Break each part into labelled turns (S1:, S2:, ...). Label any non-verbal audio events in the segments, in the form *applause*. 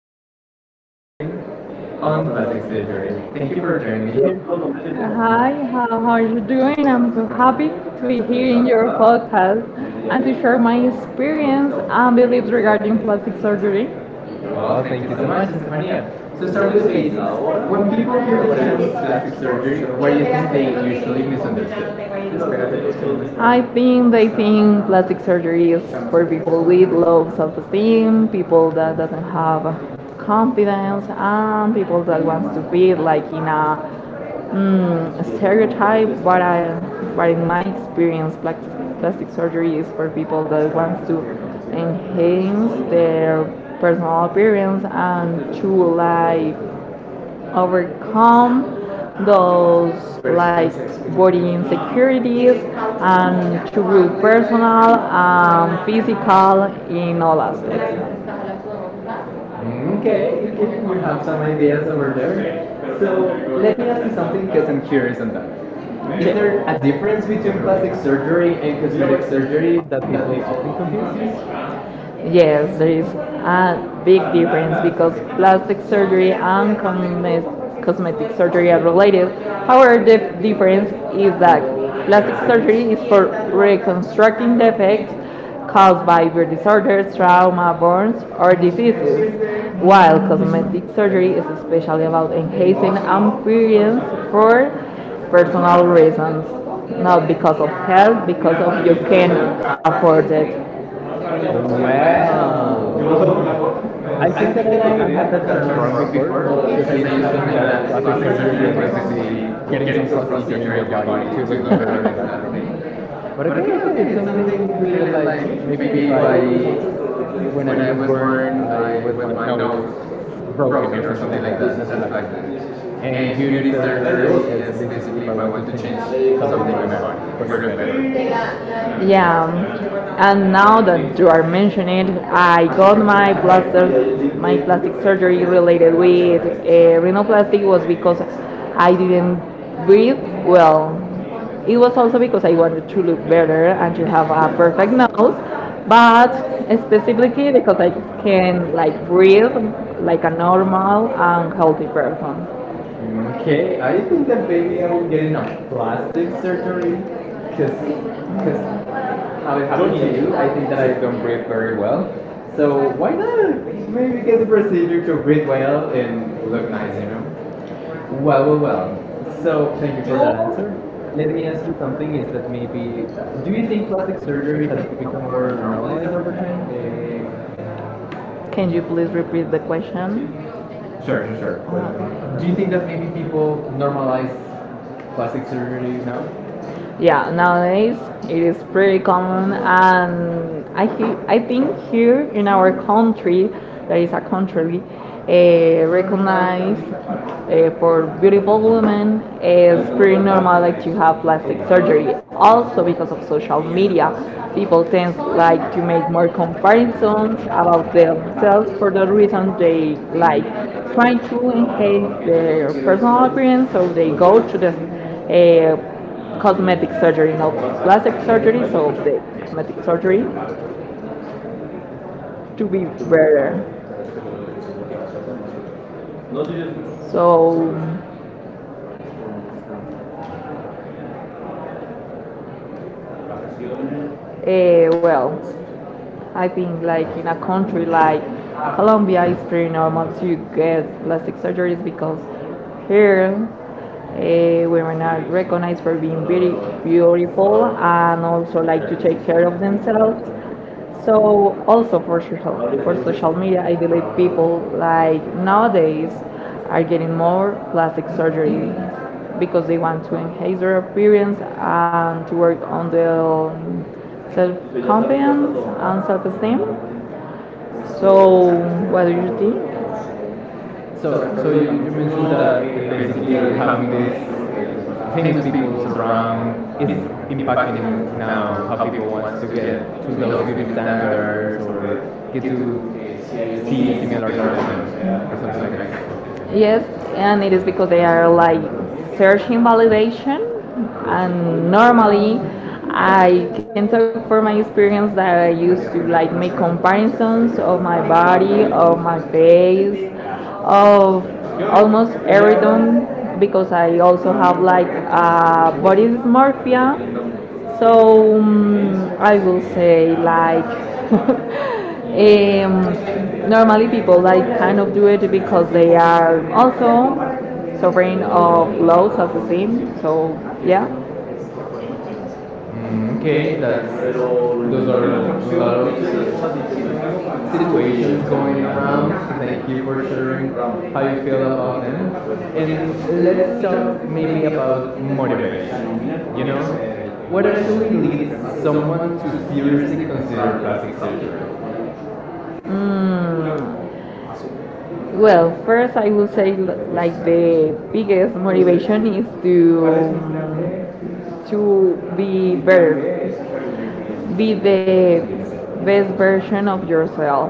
S1: who
S2: has some
S1: has some
S2: experience
S1: experience
S2: on
S1: on
S2: plastic
S1: plastic surgery.
S2: surgery. Thank you
S1: Thank you
S2: for
S1: for
S2: joining
S1: joining
S2: me.
S1: me here.
S2: Hi, how are you doing? I'm so happy to be here in your podcast and to share my experience and beliefs regarding plastic surgery. Well,
S1: Well,
S2: thank you
S1: thank you
S2: so
S1: so
S2: much,
S1: much, Estefania.
S2: Estefania. So
S1: To
S2: start
S1: start
S2: with the
S1: with the
S2: basics.
S1: basics,
S2: When
S1: when
S2: people
S1: people
S2: hear
S1: hear the
S2: the
S1: term
S2: plastic
S1: plastic
S2: surgery,
S1: surgery,
S2: what
S1: what
S2: do
S1: do
S2: you
S1: you
S2: think
S1: think they
S2: they usually
S1: usually
S2: misunderstand?
S1: misunderstood?
S2: I think they think plastic surgery is for people with low self-esteem, people that doesn't have confidence, and people that wants to fit like in a stereotype, what I what in my experience plastic surgery is for people that wants to enhance their personal appearance and to like overcome those like body insecurities and to grow personal and physical in all aspects.
S1: Okay, okay, you have some ideas over there.
S2: So
S1: So
S2: let me
S1: let me ask
S2: ask
S1: you
S2: you
S1: something
S2: something
S1: because
S2: because
S1: I'm
S2: I'm
S1: curious
S2: curious
S1: on
S2: on
S1: that.
S2: that. Is
S1: Is there
S2: there
S1: a difference between plastic
S2: a
S1: surgery and
S2: plastic
S1: cosmetic
S2: surgery
S1: surgery that
S2: that
S1: people
S2: people
S1: often
S2: often
S1: confuse?
S2: confuse? Yes, there is a big difference because plastic surgery and cosmetic surgery are related. However, the difference is that plastic surgery is for reconstructing defects caused by birth disorders, trauma, burns, or diseases, while cosmetic surgery is especially about enhancing appearance for personal reasons, not because of health, because of you can afford it.
S1: Oh, wow. *laughs* I
S2: Well, I
S1: think that
S2: think
S1: I,
S2: that I
S1: I had
S2: had
S1: that
S2: that
S1: term
S2: term
S1: wrong
S2: from
S1: before
S2: before, because I
S1: because
S2: used
S1: I
S2: to
S1: used
S2: think
S1: to think that
S2: that
S1: plastic
S2: plastic
S1: surgery
S2: surgery
S1: was
S2: was
S1: basically
S2: basically
S1: getting
S2: getting
S1: some
S2: something
S1: procedure in your
S2: in your
S1: body
S2: body to
S1: to look
S2: look
S1: better
S2: better
S1: than
S2: and
S1: that
S2: that
S1: thing.
S2: thing.
S1: But
S2: But
S1: okay,
S2: okay,
S1: okay,
S2: okay,
S1: it's
S2: it's something
S1: something really like
S2: like,
S1: maybe if
S2: maybe if I,
S1: I, when I
S2: when I
S1: was
S2: was
S1: born,
S2: born,
S1: I
S2: I
S1: with my
S2: don't
S1: nose
S2: know,
S1: broken or
S2: broken or
S1: something
S2: something
S1: like
S2: like
S1: that.
S2: that,
S1: That's
S2: that's
S1: plastic.
S2: plastic.
S1: And
S2: And
S1: beauty
S2: beauty
S1: surgery
S2: surgery
S1: is
S2: is
S1: basically if
S2: basically constantly
S1: I
S2: if I
S1: want to
S2: want to
S1: change
S2: change
S1: something
S2: something
S1: in
S2: in
S1: my
S2: my
S1: body
S2: body
S1: for
S2: for
S1: look
S2: the
S1: better.
S2: better. Yeah, and now that you are mentioning it, I got my plastic surgery related with rhinoplasty, was because I didn't breathe well. It was also because I wanted to look better and to have a perfect nose, but specifically because I can like breathe like a normal and healthy person.
S1: Okay,
S2: Okay,
S1: I
S2: I
S1: think
S2: think
S1: that
S2: that
S1: maybe
S2: maybe
S1: I
S2: I
S1: will
S2: will
S1: get
S2: get
S1: in a
S2: enough from
S1: plastic
S2: this,
S1: surgery because
S2: because
S1: because
S2: because
S1: how
S2: how
S1: it
S2: it
S1: happened
S2: happened
S1: to
S2: to you
S1: you, I think that I
S2: that I
S1: don't
S2: come
S1: breathe
S2: from.
S1: very well. So
S2: So
S1: why not maybe
S2: it
S1: get the procedure to breathe well
S2: may
S1: and look
S2: look nice,
S1: nice, you
S2: you
S1: know?
S2: know.
S1: Well, well, well.
S2: Well, so
S1: So thank you for that answer. Let me
S2: yes,
S1: ask you something is that maybe do
S2: do
S1: you
S2: you
S1: think
S2: think plastic
S1: plastic surgery
S2: surgery has
S1: has
S2: become
S1: become more
S2: more
S1: normalized
S2: normalized
S1: over
S2: over
S1: time?
S2: time? Can you please repeat the question?
S1: Sure,
S2: Sure,
S1: sure,
S2: sure,
S1: sure.
S2: sure. Uh-huh.
S1: Do
S2: Do
S1: you
S2: you
S1: think
S2: think
S1: that
S2: that
S1: maybe
S2: maybe people
S1: people normalize
S2: normalize
S1: plastic
S2: plastic
S1: surgery
S2: surgery
S1: now?
S2: now? Yeah, nowadays it is pretty common, and I think here in our country, that is a country recognized for beautiful women, it's pretty normal like to have plastic surgery, also because of social media. People tend like to make more comparisons about themselves, for the reason they like trying to enhance their personal appearance, so they go to the uh, cosmetic surgery, not plastic surgery, so the cosmetic surgery, to be better. So, well, I think like in a country like Colombia, it's pretty normal to get plastic surgeries, because here women are recognized for being very beautiful and also like to take care of themselves. So also for social media, I believe people like nowadays are getting more plastic surgeries, because they want to enhance their appearance and to work on their self confidence and self esteem. So what do you think?
S1: So,
S2: So,
S1: so
S2: so you,
S1: you, you
S2: you
S1: mentioned
S2: mentioned that
S1: that
S2: basically
S1: basically having
S2: having
S1: these
S2: these
S1: famous
S2: famous
S1: people
S2: people
S1: around
S2: around
S1: is
S2: is impacting
S1: impacting now
S2: now
S1: how
S2: how
S1: people
S2: people
S1: wants
S2: wants
S1: to
S2: to
S1: get
S2: get
S1: to
S2: to
S1: those
S2: those
S1: beauty
S2: beauty
S1: standards
S2: standards, or
S1: or get to
S2: to
S1: see
S2: see
S1: similar
S2: similar
S1: to them
S2: things.
S1: or
S2: Yeah.
S1: something
S2: Something
S1: like
S2: like
S1: that.
S2: that. Yes, and it is because they are like searching validation. And normally, I can talk for my experience that I used to like make comparisons of my body, of my face, of almost everything, because I also have like body dysmorphia. So I will say like, *laughs* normally people like kind of do it because they are also suffering of low self-esteem. So, yeah.
S1: Mm, okay,
S2: Okay, that's
S1: that's
S2: so
S1: those
S2: those
S1: are a lot
S2: are
S1: of
S2: the
S1: situations
S2: situations going
S1: going around.
S2: around.
S1: Thank
S2: Thank
S1: you
S2: you
S1: for
S2: for sharing
S1: sharing how
S2: how
S1: you
S2: you
S1: feel
S2: feel
S1: about
S2: about it. And
S1: them. And let's
S2: let's talk
S1: talk maybe
S2: about
S1: about
S2: motivation. You
S1: motivation. You know, what
S2: know,
S1: actually leads
S2: it's
S1: someone
S2: someone
S1: to seriously consider plastic surgery?
S2: Mm, Well, first I would say like the biggest motivation is to be better, be the best version of yourself.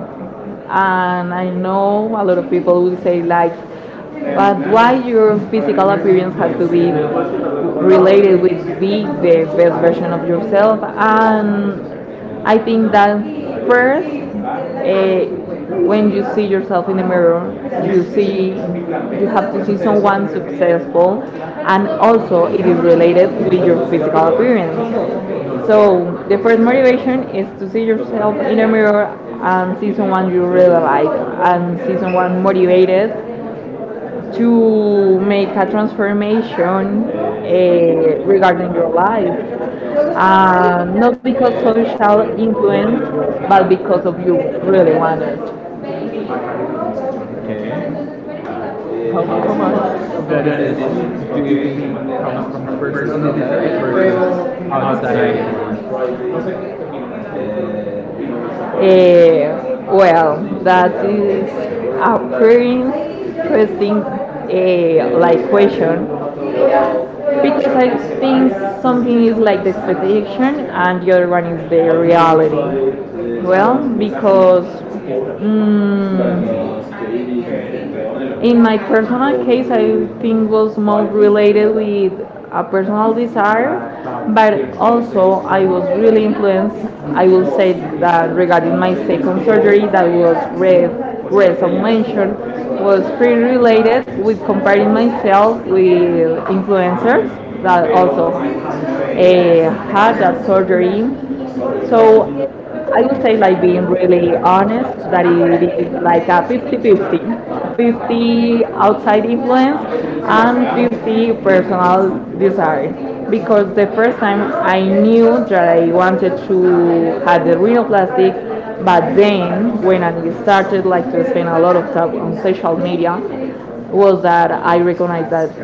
S2: And I know a lot of people will say like, but why your physical appearance has to be related with being the best version of yourself? And I think that first, eh, when you see yourself in the mirror, you have to see someone successful, and also it is related with your physical appearance. So the first motivation is to see yourself in a mirror and see someone you really like, and see someone motivated to make a transformation regarding your life. Not because social influence, but because of you really want it.
S1: Okay.
S2: Okay,
S1: How,
S2: comes
S1: how
S2: a
S1: much
S2: lot
S1: of
S2: of
S1: that
S2: the
S1: decision
S2: decisions,
S1: do
S2: or do
S1: you
S2: you think
S1: think
S2: that
S1: comes
S2: comes
S1: from
S2: from
S1: personal
S2: personal
S1: desire
S2: desire
S1: versus
S2: versus
S1: outside
S2: outside
S1: influence?
S2: influence? Eh, well, that is a very interesting like question, because I think something is like the expectation and the other one is the reality. Well, because mm, in my personal case, I think was more related with a personal desire, but also I was really influenced. I will say that regarding my second surgery, that was red as mentioned, was pretty related with comparing myself with influencers that also had that surgery. So I would say, like being really honest, that it is like a 50-50, outside influence and 50 personal desire. Because the first time, I knew that I wanted to have the rhinoplasty. But then, when I started like to spend a lot of time on social media, was that I recognized that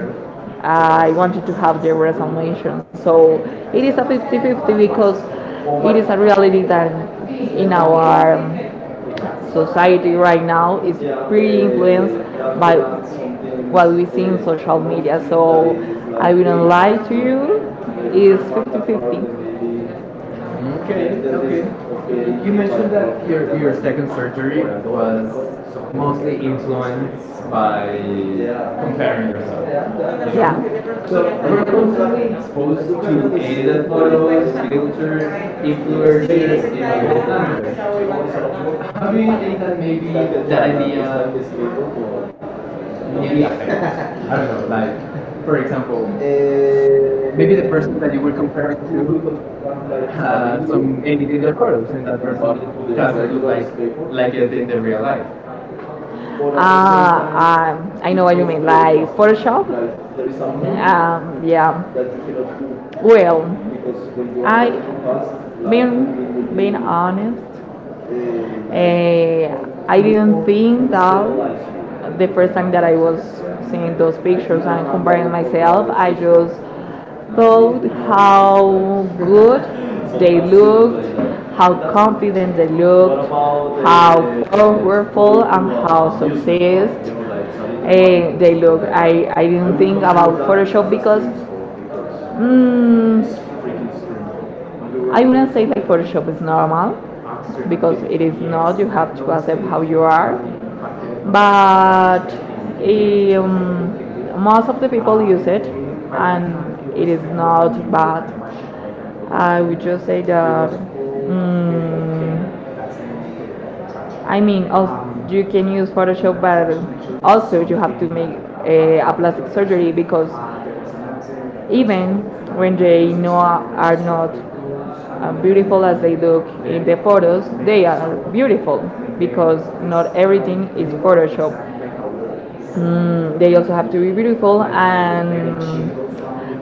S2: I wanted to have the resolution. So it is a 50-50, because it is a reality that in our society right now is pretty influenced by what we see in social media. So I wouldn't lie to you, it's 50-50. Okay,
S1: Okay, okay.
S2: okay. Okay.
S1: Y-
S2: You
S1: You
S2: mentioned
S1: mentioned that
S2: that your,
S1: your
S2: your second
S1: second
S2: surgery
S1: surgery was
S2: was mostly
S1: mostly influenced
S2: influenced
S1: by
S2: by comparing
S1: comparing
S2: yourself.
S1: yourself, you know?
S2: Yeah. So
S1: So
S2: were
S1: we're
S2: you
S1: constantly
S2: like exposed
S1: exposed to
S2: to
S1: edited
S2: edited
S1: photos,
S2: photos, filters,
S1: filters, influencers,
S2: influencers
S1: and
S2: in all
S1: beauty standards.
S2: standards? How
S1: How
S2: do
S1: do
S2: you
S1: you
S2: think
S1: think
S2: that
S1: that
S2: maybe
S1: maybe
S2: that
S1: that idea
S2: idea maybe
S1: maybe affect?
S2: affect? *laughs*
S1: I
S2: I
S1: don't know,
S2: don't know,
S1: like
S2: like
S1: for
S2: for example,
S1: example,
S2: maybe
S1: maybe
S2: the
S1: the
S2: person
S1: person
S2: that
S1: that
S2: you
S1: you
S2: were
S1: were
S2: comparing
S1: comparing to
S2: to has
S1: had some edit
S2: a
S1: in their photos, and that
S2: different
S1: person
S2: body, doesn't
S1: doesn't
S2: look
S1: look like
S2: like
S1: like
S2: it.
S1: it in the real life.
S2: Ah, I know what you mean, like Photoshop.
S1: hmm
S2: Yeah. Well, I mean, being honest, uh, I didn't think that the first time that I was seeing those pictures and comparing myself, I just thought how good they looked, how confident they looked, how powerful and how successed they look. I didn't think about Photoshop, because mm, I wouldn't say like Photoshop is normal, because it is not, you have to accept how you are, but eh, um, most of the people use it, and it is not bad. I would just say that, I mean, you can use Photoshop, but also you have to make a plastic surgery, because even when they know are not beautiful as they look in the photos, they are beautiful, because not everything is Photoshop. Mm, they also have to be beautiful. And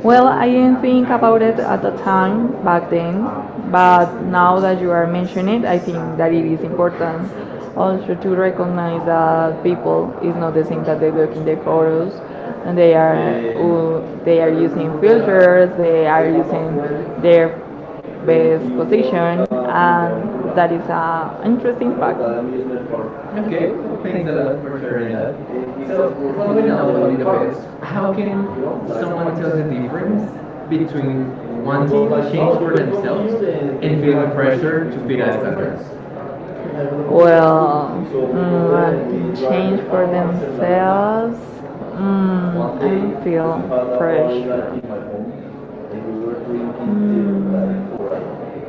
S2: well, I didn't think about it at the time back then, but now that you are mentioning it, I think that it is important also to recognize that people is not the same that they look in the photos, and they are, they are using filters, they are using their best position, and that is an interesting fact. Okay.
S1: Okay, well, thanks a lot for sharing that.
S2: So,
S1: So,
S2: following
S1: following
S2: up
S1: up a
S2: on the
S1: little bit,
S2: past, how
S1: how
S2: can
S1: can
S2: someone
S1: someone tell the
S2: difference
S1: difference
S2: between
S1: between
S2: wanting
S1: wanting
S2: change
S1: change
S2: for
S1: for
S2: themselves and
S1: and
S2: feeling
S1: feeling
S2: pressure
S1: pressure
S2: to
S1: to
S2: fit
S1: fit
S2: a
S1: a
S2: standard?
S1: standard?
S2: Well, change for themselves. Mm, I feel pressure. Pressure.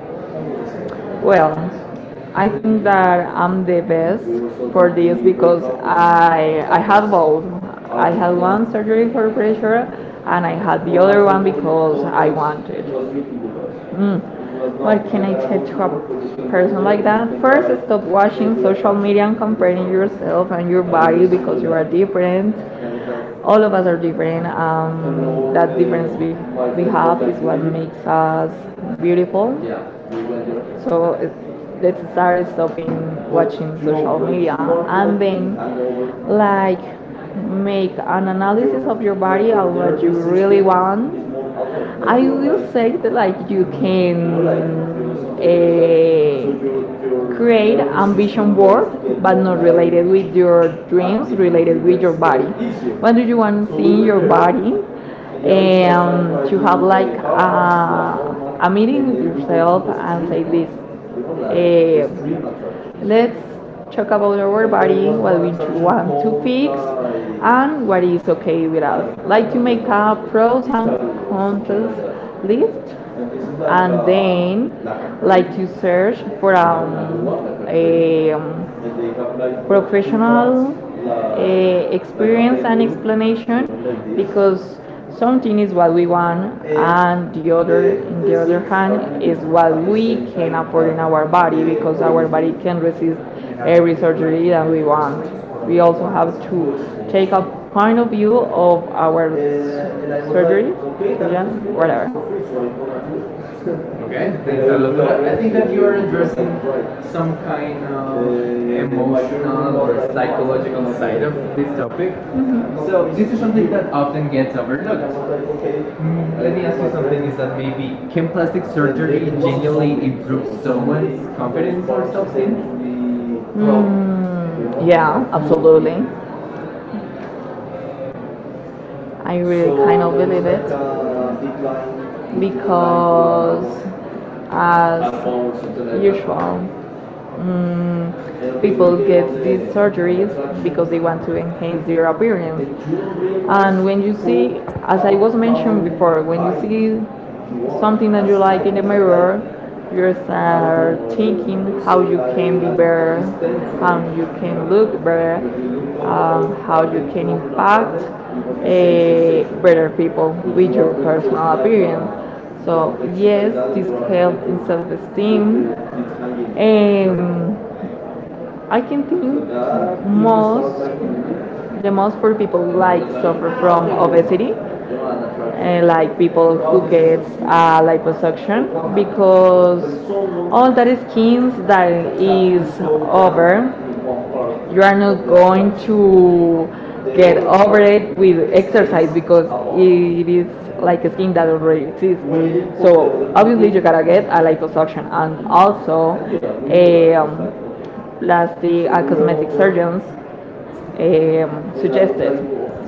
S2: Well, I think that I'm the best for this, because I had both. I had one surgery for pressure, and I had the other one because I wanted. Mm. What can I tell to a person like that? First, stop watching social media and comparing yourself and your body, because you are different, all of us are different. That difference we have is what makes us beautiful. So let's start stopping watching social media, and then like make an analysis of your body and what you really want. I will say that like you can create ambition board, but not related with your dreams, related with your body. What do you want to see in your body? And to have like a meeting with yourself and say eh, let's talk about our body, what we want to fix, and what is okay with us. Like to make a pros and cons list, and then like to search for a professional experience and explanation because something is what we want, and the other, in the other hand, is what we can afford in our body because our body can resist every surgery that we want. We also have to take a point of view of our surgery, surgeon, whatever.
S1: Okay,
S2: Okay, thanks
S1: thanks
S2: a
S1: a lot for
S2: lot.
S1: that. I
S2: I think
S1: think
S2: that
S1: that you're
S2: you're addressing
S1: addressing
S2: some
S1: some
S2: kind
S1: kind
S2: of
S1: of
S2: the
S1: emotional or psychological
S2: psychological side
S1: side
S2: of
S1: of this
S2: this topic.
S1: topic.
S2: Mm-hmm.
S1: So,
S2: So
S1: this
S2: this is
S1: is something
S2: something
S1: that
S2: that
S1: often
S2: often
S1: gets
S2: gets overlooked.
S1: overlooked.
S2: Let
S1: Let
S2: me
S1: me
S2: ask
S1: ask you
S2: you something:
S1: something
S2: is
S1: is that
S2: that
S1: maybe
S2: maybe can
S1: can
S2: plastic
S1: plastic
S2: surgery
S1: surgery genuinely
S2: genuinely improve
S1: improve
S2: someone's
S1: someone's
S2: confidence
S1: confidence or
S2: or
S1: self esteem?
S2: something? Mm, yeah, absolutely. I really kind of believe it because, as usual, people get these surgeries because they want to enhance their appearance. And when you see, as I was mentioned before, when you see something that you like in the mirror, you start thinking how you can be better, how you can look better, how you can impact better people with your personal appearance. So yes, this helps in self-esteem. Um, I can think most the most for people like suffer from obesity, like people who get liposuction because all that skins that is over, you are not going to get over it with exercise because it is like a skin that already exists. So obviously you gotta get a liposuction and also um, plastic cosmetic surgeons um, suggested.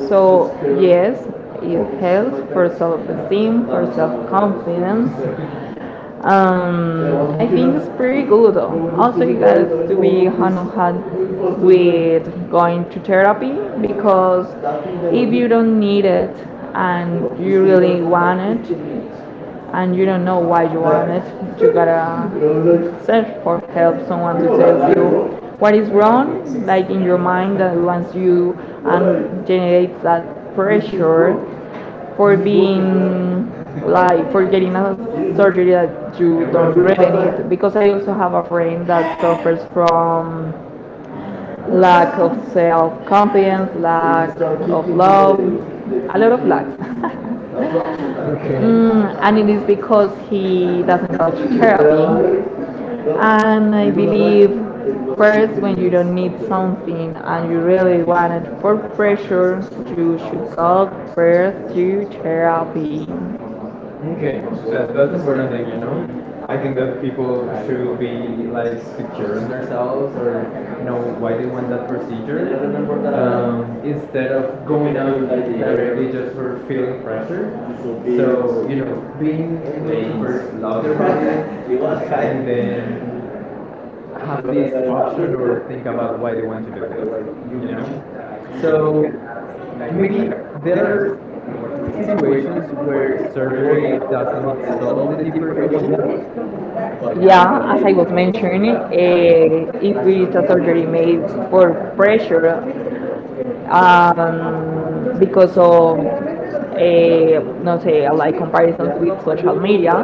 S2: So yes, it helps for self-esteem, for self-confidence, I think it's pretty good. Also, you guys to be hand on hand with going to therapy because if you don't need it and you really want it and you don't know why you want it, you gotta search for help. Someone to tell you what is wrong, like in your mind, that once you and generates that pressure for being like for getting a surgery that you don't really need because I also have a friend that suffers from lack of self confidence, lack of love, a lot of lacks. *laughs*
S1: Okay.
S2: And it is because he doesn't go to therapy. And I believe first, when you don't need something and you really want it for pressure, you should go first to therapy. Okay,
S1: Okay,
S2: that,
S1: that's
S2: that's important
S1: important
S2: thing,
S1: thing,
S2: you
S1: you know.
S2: know.
S1: I
S2: I think
S1: think that
S2: that people
S1: people
S2: should
S1: should
S2: be
S1: be
S2: like
S1: like
S2: secure
S1: secure on
S2: in themselves
S1: themselves
S2: or
S1: or know
S2: know
S1: why
S2: why
S1: they
S2: they want
S1: want that
S2: that procedure.
S1: procedure,
S2: Yeah, I remember that.
S1: instead
S2: Instead
S1: of
S2: of
S1: going
S2: going
S1: out
S2: out like
S1: directly
S2: directly
S1: just
S2: just
S1: for
S2: for
S1: feeling
S2: feeling pressure.
S1: pressure.
S2: So be-
S1: So
S2: So
S1: you
S2: you
S1: know,
S2: know, being
S1: being
S2: in the
S1: able to first
S2: First
S1: love
S2: love,
S1: their bodies
S2: *laughs* you are right.
S1: and
S2: And then
S1: then have this
S2: having
S1: option or think about why they want to do this, you
S2: you
S1: know.
S2: know.
S1: So
S2: So
S1: maybe
S2: maybe
S1: there
S2: there
S1: are
S2: are
S1: situations where
S2: where
S1: surgery
S2: surgery does not
S1: doesn't solve the
S2: resolve the
S1: deeper
S2: deeper
S1: issue?
S2: problems. Yeah, as I was mentioning, if it's a surgery made for pressure, because of no say like comparisons with social media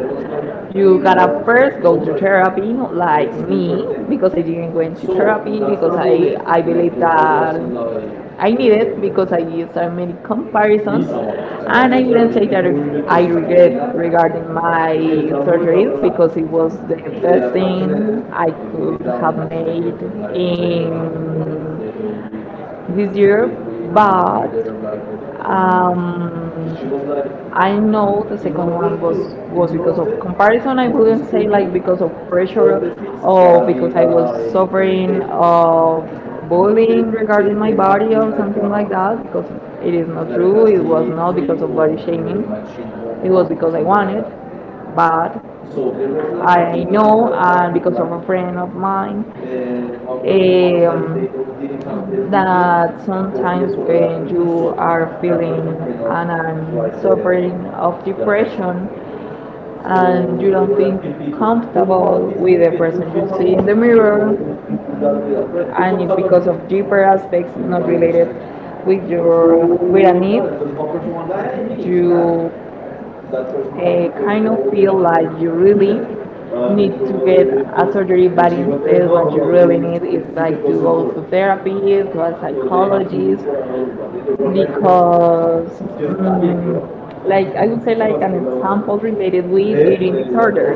S2: you gotta first go to therapy like me because I didn't go into therapy because I believe that I need it because I used so many comparisons and I wouldn't say that I regret regarding my surgeries because it was the best thing I could have made in this year, but um, I know the second one was because of comparison. I wouldn't say like because of pressure or because I was suffering of bullying regarding my body or something like that. Because it is not true. It was not because of body shaming. It was because I wanted, but I know, and because of a friend of mine, that sometimes when you are feeling and are suffering of depression and you don't feel comfortable with the person you see in the mirror, and it's because of deeper aspects not related with your with a need you kind of feel like you really need to get a surgery, but instead what you really need is like to go to therapy, to a psychologist, because like I would say like an example related with eating disorder.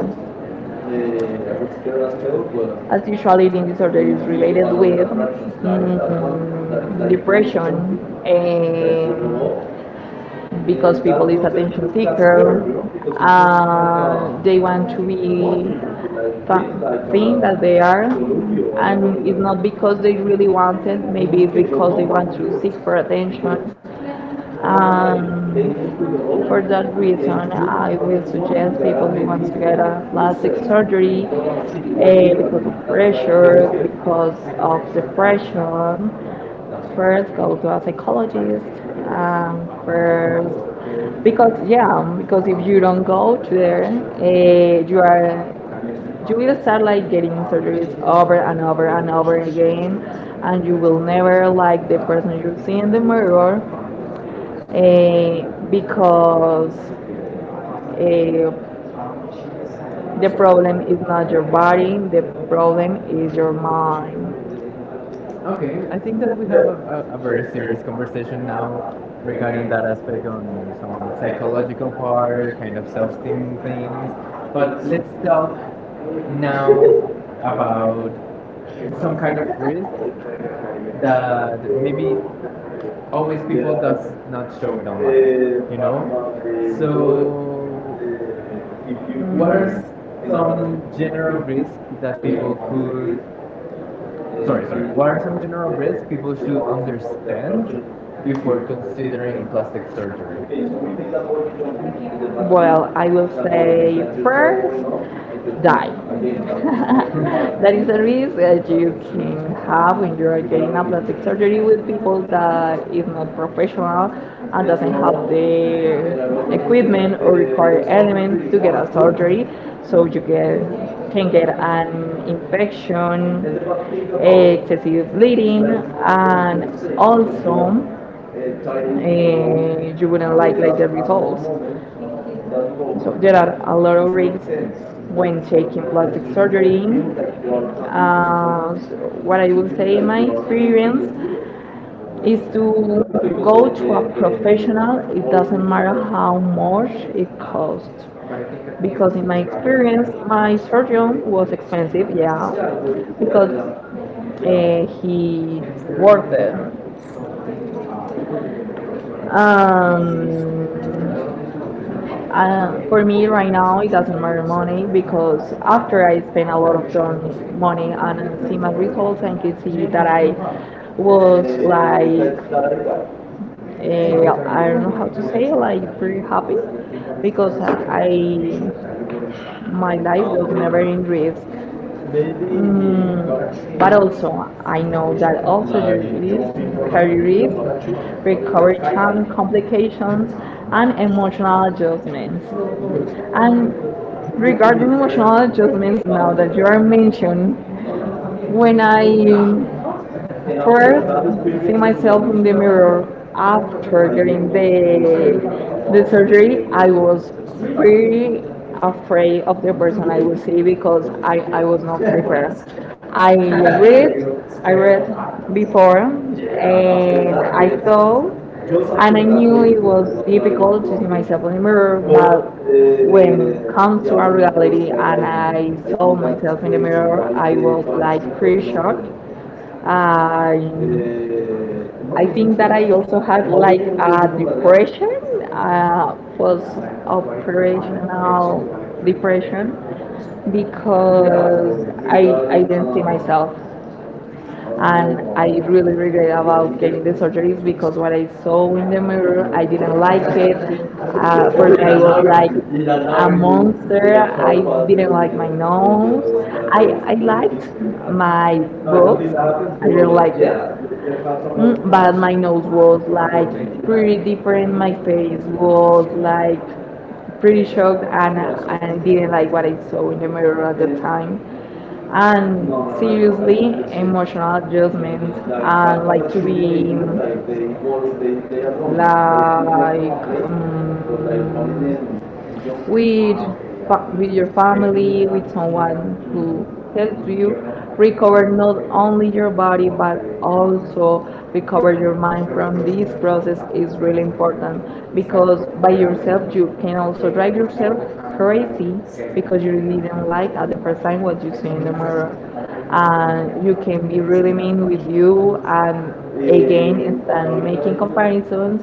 S2: As usual, eating disorder is related with depression and because people is attention seeker. They want to be think that they are, and it's not because they really want it. Maybe it's because they want to seek for attention. Um, for that reason, I will suggest people who want to get a plastic surgery because of pressure, because of depression, first go to a psychologist um, first because yeah because if you don't go to there you are you will start like getting surgeries over and over and over again and you will never like the person you see in the mirror because uh, the problem is not your body the problem is your mind.
S1: Okay, I think that we have a very serious conversation now regarding that aspect on some psychological part, kind of self-esteem things. But let's talk
S2: Now,
S1: now about some
S2: *laughs* the
S1: kind of risk that maybe always people does not show it online, you know?
S2: So, So-
S1: So
S2: if you
S1: what
S2: what
S1: are
S2: sorry,
S1: some general risks that people could Sorry, sorry. What are some general risks people should understand before considering plastic surgery?
S2: well, I will say first, die. *laughs* That is a risk that you can have when you are getting a plastic surgery with people that is not professional and doesn't have the equipment or required elements to get a surgery. So you get can get an infection, excessive bleeding, and also and you wouldn't like the results. So there are a lot of risks when taking plastic surgery. So what I would say in my experience is to go to a professional. It doesn't matter how much it costs. Because in my experience, my surgeon was expensive, yeah, because he worked there. Um, for me right now, it doesn't matter money because after I spend a lot of done money and see my results and can see that I was like I don't know how to say like pretty happy because I my life was never in risk. Mm, but also, I know that also there is career risk, recovery time complications, and emotional adjustments. And regarding emotional adjustments, now that you are mentioned, when I first, see myself in the mirror. After during the surgery, I was pretty afraid of the person I would see because I was not prepared. I read before and I thought and I knew it was difficult to see myself in the mirror, but when it comes to our reality and I saw myself in the mirror, I was like pretty shocked. I I think that I also have like a depression, post-operational depression, because I didn't see myself and I really regret about getting the surgeries because what I saw in the mirror, I didn't like it. For me, I was like a monster. I didn't like my nose. I I liked my boobs. I didn't like it. Mm, but my nose was like pretty different. My face was like pretty shocked and I didn't like what I saw in the mirror at the time. And seriously, emotional adjustment and like to be like um,
S1: *laughs*
S2: with with your family, with someone who helps you, recover not only your body but also recover your mind from this process is really important because by yourself you can also drive yourself crazy because you didn't like at the first time what you see in the mirror and you can be really mean with you and again and start making comparisons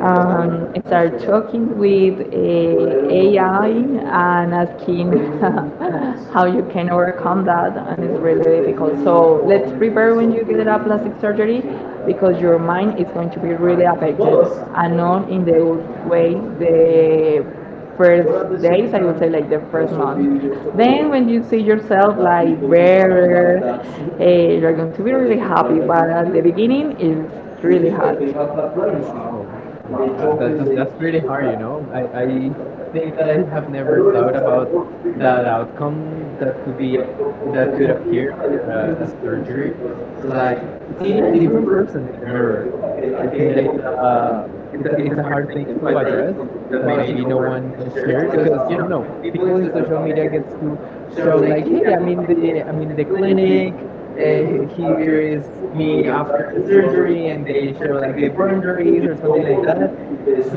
S2: start talking with AI and asking *laughs* how you can overcome that and it's really difficult. So let's prepare when you get a plastic surgery because your mind is going to be really affected and not in the good way the first days I would say like the first month then when you see yourself like better you're going to be really happy but at the beginning it's really hard.
S1: Oh, wow. That's pretty hard, you know. I think that I have never thought about that outcome that could be that could appear after a surgery, like seeing a different person in the mirror. I think that it, uh, it's a hard thing to address that maybe no one shares because
S2: Because, you
S1: you know
S2: know,
S1: people in social media gets to
S2: so
S1: show like,
S2: like
S1: hey, I'm in the
S2: the clinic,
S1: clinic, uh,
S2: they
S1: he- here
S2: wear
S1: is me
S2: the
S1: after the
S2: scissors,
S1: surgery and they show like the burn injuries or
S2: something
S1: something
S2: like
S1: like
S2: that.
S1: that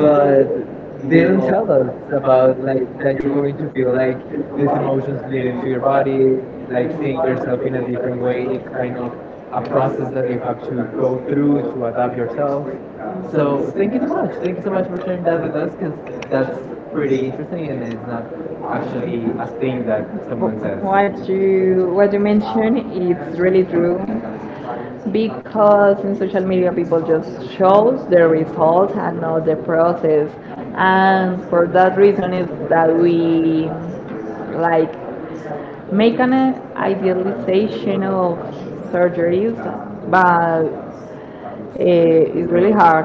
S1: but
S2: they
S1: they
S2: don't
S1: don't
S2: know
S1: tell us
S2: that
S1: about like that
S2: you're
S1: you're
S2: going
S1: going
S2: to
S1: to
S2: feel
S1: feel like
S2: this
S1: these emotions
S2: moment.
S1: related to your body
S2: Like,
S1: like
S2: the
S1: seeing
S2: first
S1: yourself in a different way it's kind of a process that you have to go through to adapt yourself
S2: so,
S1: so thank you so much.
S2: I
S1: Thank you
S2: think
S1: so much for sharing that with us because that's
S2: that's
S1: pretty interesting and it's not actually a thing that someone says.
S2: what you what you mentioned it's really true because in social media people just shows the result and not the process and for that reason is that we like make an idealization of surgeries but it's really hard.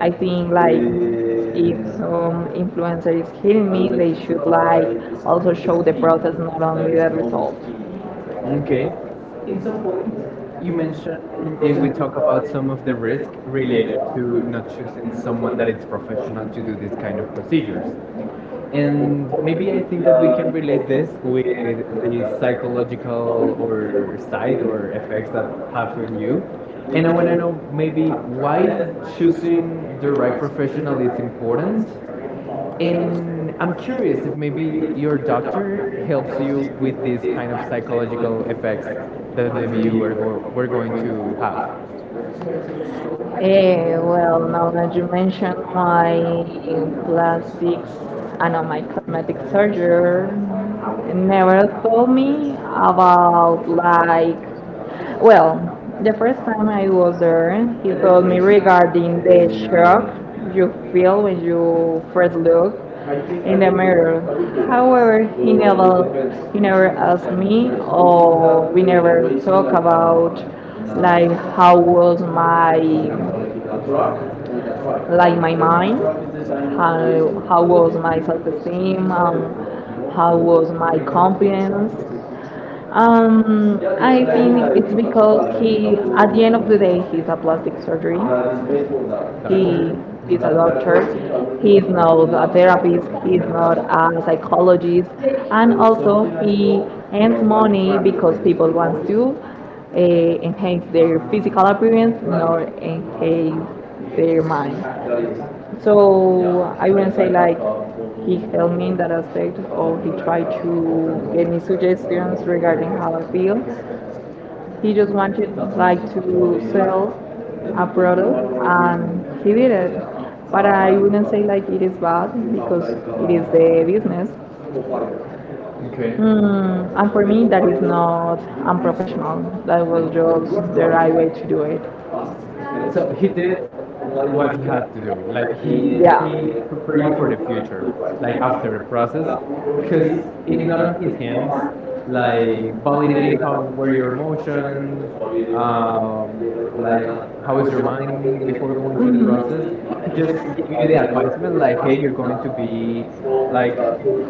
S2: I think like if some influencer is hitting me, they should like also show the process, not only the result.
S1: Okay. You mentioned, and we talk about some of the risk related to not choosing someone that is professional to do this kind of procedures. And maybe I think that we can relate this with the psychological or side or effects that have on you. And
S2: And
S1: I
S2: I
S1: want to know
S2: would maybe
S1: maybe why
S2: by choosing
S1: choosing the
S2: your
S1: right professional
S2: recreational
S1: is
S2: like
S1: important
S2: ones
S1: And I'm
S2: I'm
S1: curious
S2: curious,
S1: if maybe
S2: maybe
S1: your
S2: your
S1: doctor
S2: doctor
S1: helps
S2: helps
S1: you
S2: you with
S1: with
S2: like
S1: these
S2: these
S1: kind of psychological
S2: psychological
S1: effects
S2: effects
S1: that
S2: that
S1: maybe
S2: maybe
S1: you were, go- were
S2: were
S1: going
S2: going
S1: to
S2: to
S1: have.
S2: have. Well, now that you mentioned my plastics, I know my cosmetic surgeon never told me about like, well, the first time I was there, he told me regarding the shock you feel when you first look in the mirror. However, he never asked me, or we never talk about like how was my like my mind, how was my self-esteem, how was my confidence. I think it's because he, at the end of the day, he's a plastic surgery.
S1: Doctor?
S2: He is a
S1: Mhm.
S2: doctor. He is not a therapist. He is not a psychologist. And also, he earns money because people want to uh, enhance their physical appearance, not enhance their mind. So I wouldn't say like he helped me in that aspect or he tried to give me suggestions regarding how I feel. He just wanted like to sell a product and he did it. But I wouldn't say like it is bad because it is the business.
S1: Okay.
S2: And for me that is not unprofessional. That was just the right way to do it.
S1: So he did what he had to do like he
S2: Yeah.
S1: he prepared you for the future like after the process because it's not on his hands like validating how were your emotions, like how is your mind before going through the process. He just gave you the advisement like hey you're going to be like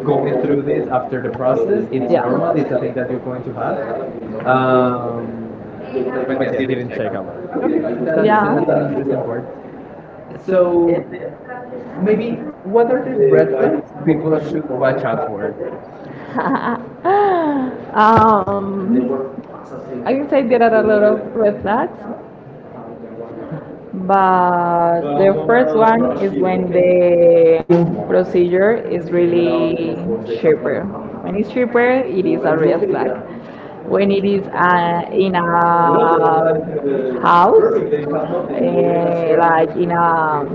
S1: going
S2: through
S1: through this
S2: phase.
S1: after the process. It's
S2: Yeah.
S1: normal, it's a thing that you're going to have,
S2: Um,
S1: but yeah, didn't check a lot. Okay, but that's an interesting part.
S2: Yeah. So
S1: So maybe
S2: maybe,
S1: what are the red flags people
S2: because
S1: should watch out for?
S2: Um, I would say there are a lot of red flags, but the first one is when the procedure is really cheaper. When it's cheaper, it is a red flag. When it is in a house, like in a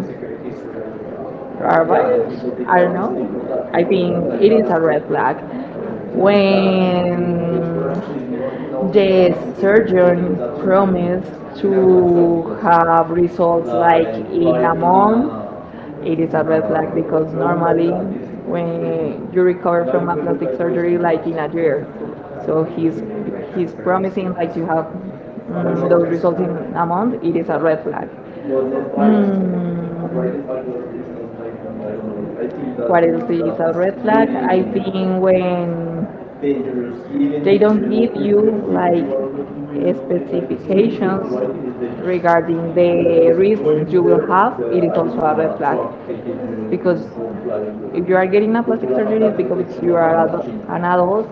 S2: Robert, I don't know. I think it is a red flag when the surgeon promised to have results like in a month. It is a red flag because normally when you recover from a plastic surgery, like in a year, so he's promising like to have those results in a month. It is a red flag. What else is a red flag? I think when they don't give you like specifications regarding the risks you will have, it is also a red flag. Because if you are getting a plastic surgery, it's because you are an adult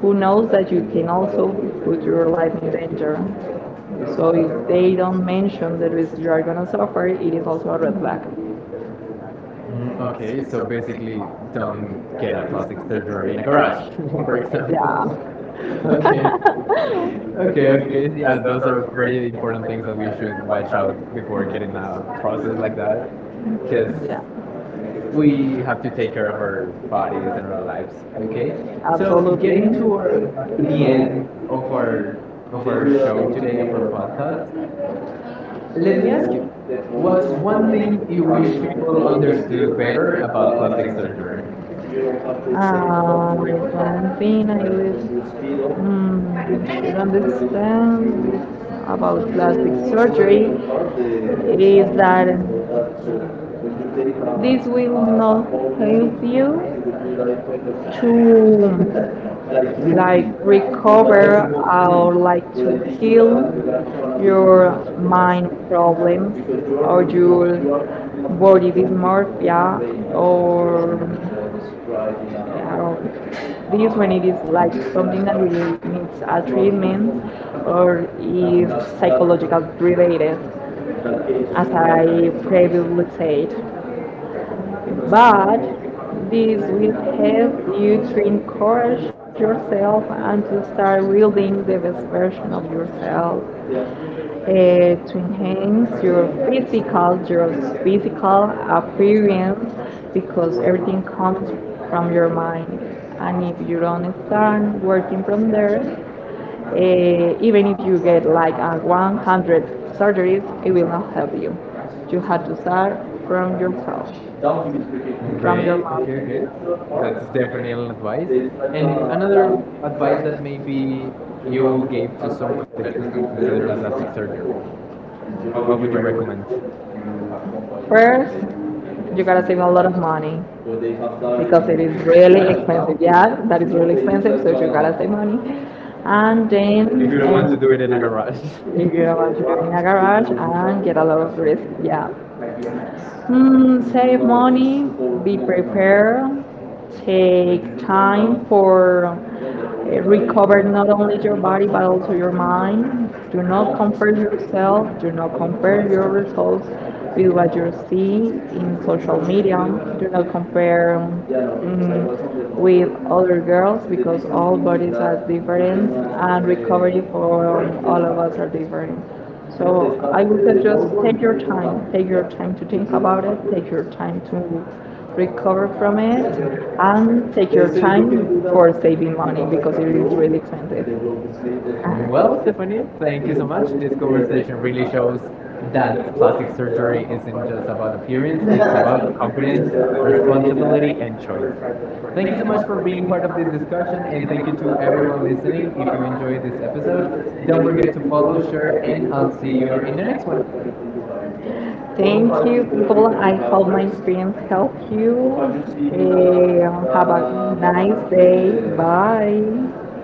S2: who knows that you can also put your life in danger. So if they don't mention the risk you are gonna suffer, it is also a red flag.
S1: Okay,
S2: Okay,
S1: so
S2: so basically,
S1: basically, don't get a
S2: don't.
S1: plastic surgery in
S2: In
S1: a garage, *laughs* for
S2: *laughs*
S1: example.
S2: yeah.
S1: *laughs* Okay.
S2: *laughs*
S1: Okay, okay.
S2: Okay. Good.
S1: Yeah, those
S2: Those
S1: are
S2: are great
S1: very
S2: things
S1: important things that
S2: that we
S1: we should
S2: should watch
S1: watch
S2: out
S1: out before
S2: for kids
S1: getting
S2: in
S1: a
S2: a
S1: process
S2: process
S1: like
S2: like
S1: that.
S2: that.
S1: Because
S2: Because yeah. We
S1: we have to take care of our
S2: bodies
S1: bodies and
S2: in
S1: our
S2: our lives.
S1: lives okay so
S2: Absolutely. The
S1: getting
S2: end
S1: to our, the end
S2: our, of our
S1: of our show
S2: show
S1: today
S2: today
S1: of our
S2: or
S1: podcast
S2: podcast.
S1: let me
S2: Leslie,
S1: ask you what's
S2: what's
S1: one
S2: one thing
S1: thing
S2: you
S1: you wish
S2: wish
S1: people
S2: people
S1: understood
S2: understood
S1: better
S2: better
S1: about
S2: about
S1: plastic
S2: plastic
S1: surgery
S2: surgery? One thing I was, mm, understand about plastic surgery is that this will not help you to like recover or like to heal your mind problems or your body dysmorphia or this when it is like something that really needs a treatment or is psychological related, as I previously said, but this will help you to encourage yourself and to start building the best version of yourself, to enhance your physical appearance, because everything comes from your mind. And if you don't start working from there, eh, even if you get like a 100 surgeries, it will not help you. You have to start from yourself, from your
S1: Okay,
S2: mouth.
S1: okay, okay. That's definitely an advice. And another advice that maybe you gave to someone that is considering plastic surgery. What would you recommend?
S2: First, you gotta save a lot of money because
S1: *laughs*
S2: it is really expensive. Yeah, that is really expensive, so you gotta save money. And then,
S1: If you
S2: if you
S1: don't
S2: don't
S1: want to
S2: want to
S1: do
S2: do
S1: it
S2: it
S1: in a
S2: in a
S1: garage.
S2: garage.
S1: *laughs*
S2: If you don't want to do it in a garage and get a lot of risk, yeah. Save money, be prepared, take time for recover not only your body but also your mind. Do not compare yourself, do not compare your results with what you see in social media. Do not compare, with other girls because all bodies are different and recovery for all of us are different. So I would say just take your time to think about it, take your time to recover from it, and take your time for saving money because it is really expensive.
S1: Well,
S2: Well,
S1: Stephanie, thank
S2: thank
S1: you
S2: you so
S1: so much.
S2: much
S1: This conversation
S2: for
S1: really
S2: the show.
S1: shows
S2: That's
S1: that plastic surgery
S2: what.
S1: isn't just about
S2: You're
S1: appearance,
S2: in
S1: it's about
S2: the
S1: confidence, responsibility,
S2: responsibility.
S1: and choice. Thank you
S2: Thank
S1: so
S2: you so
S1: much
S2: much
S1: for
S2: for
S1: being
S2: being
S1: part
S2: part
S1: of
S2: of
S1: this
S2: this
S1: discussion,
S2: discussion
S1: and
S2: and
S1: thank
S2: thank
S1: you
S2: you for
S1: to everyone
S2: everyone who really
S1: listening. If you enjoyed this episode,
S2: came.
S1: don't
S2: Don't
S1: forget to
S2: forget to
S1: follow,
S2: follow,
S1: share,
S2: share,
S1: and
S2: and
S1: I'll
S2: I'll see
S1: see
S2: you
S1: you
S2: on the
S1: in the
S2: next
S1: next one.
S2: one. Thank you, people. I hope my experience helped you. Have a nice day. Bye.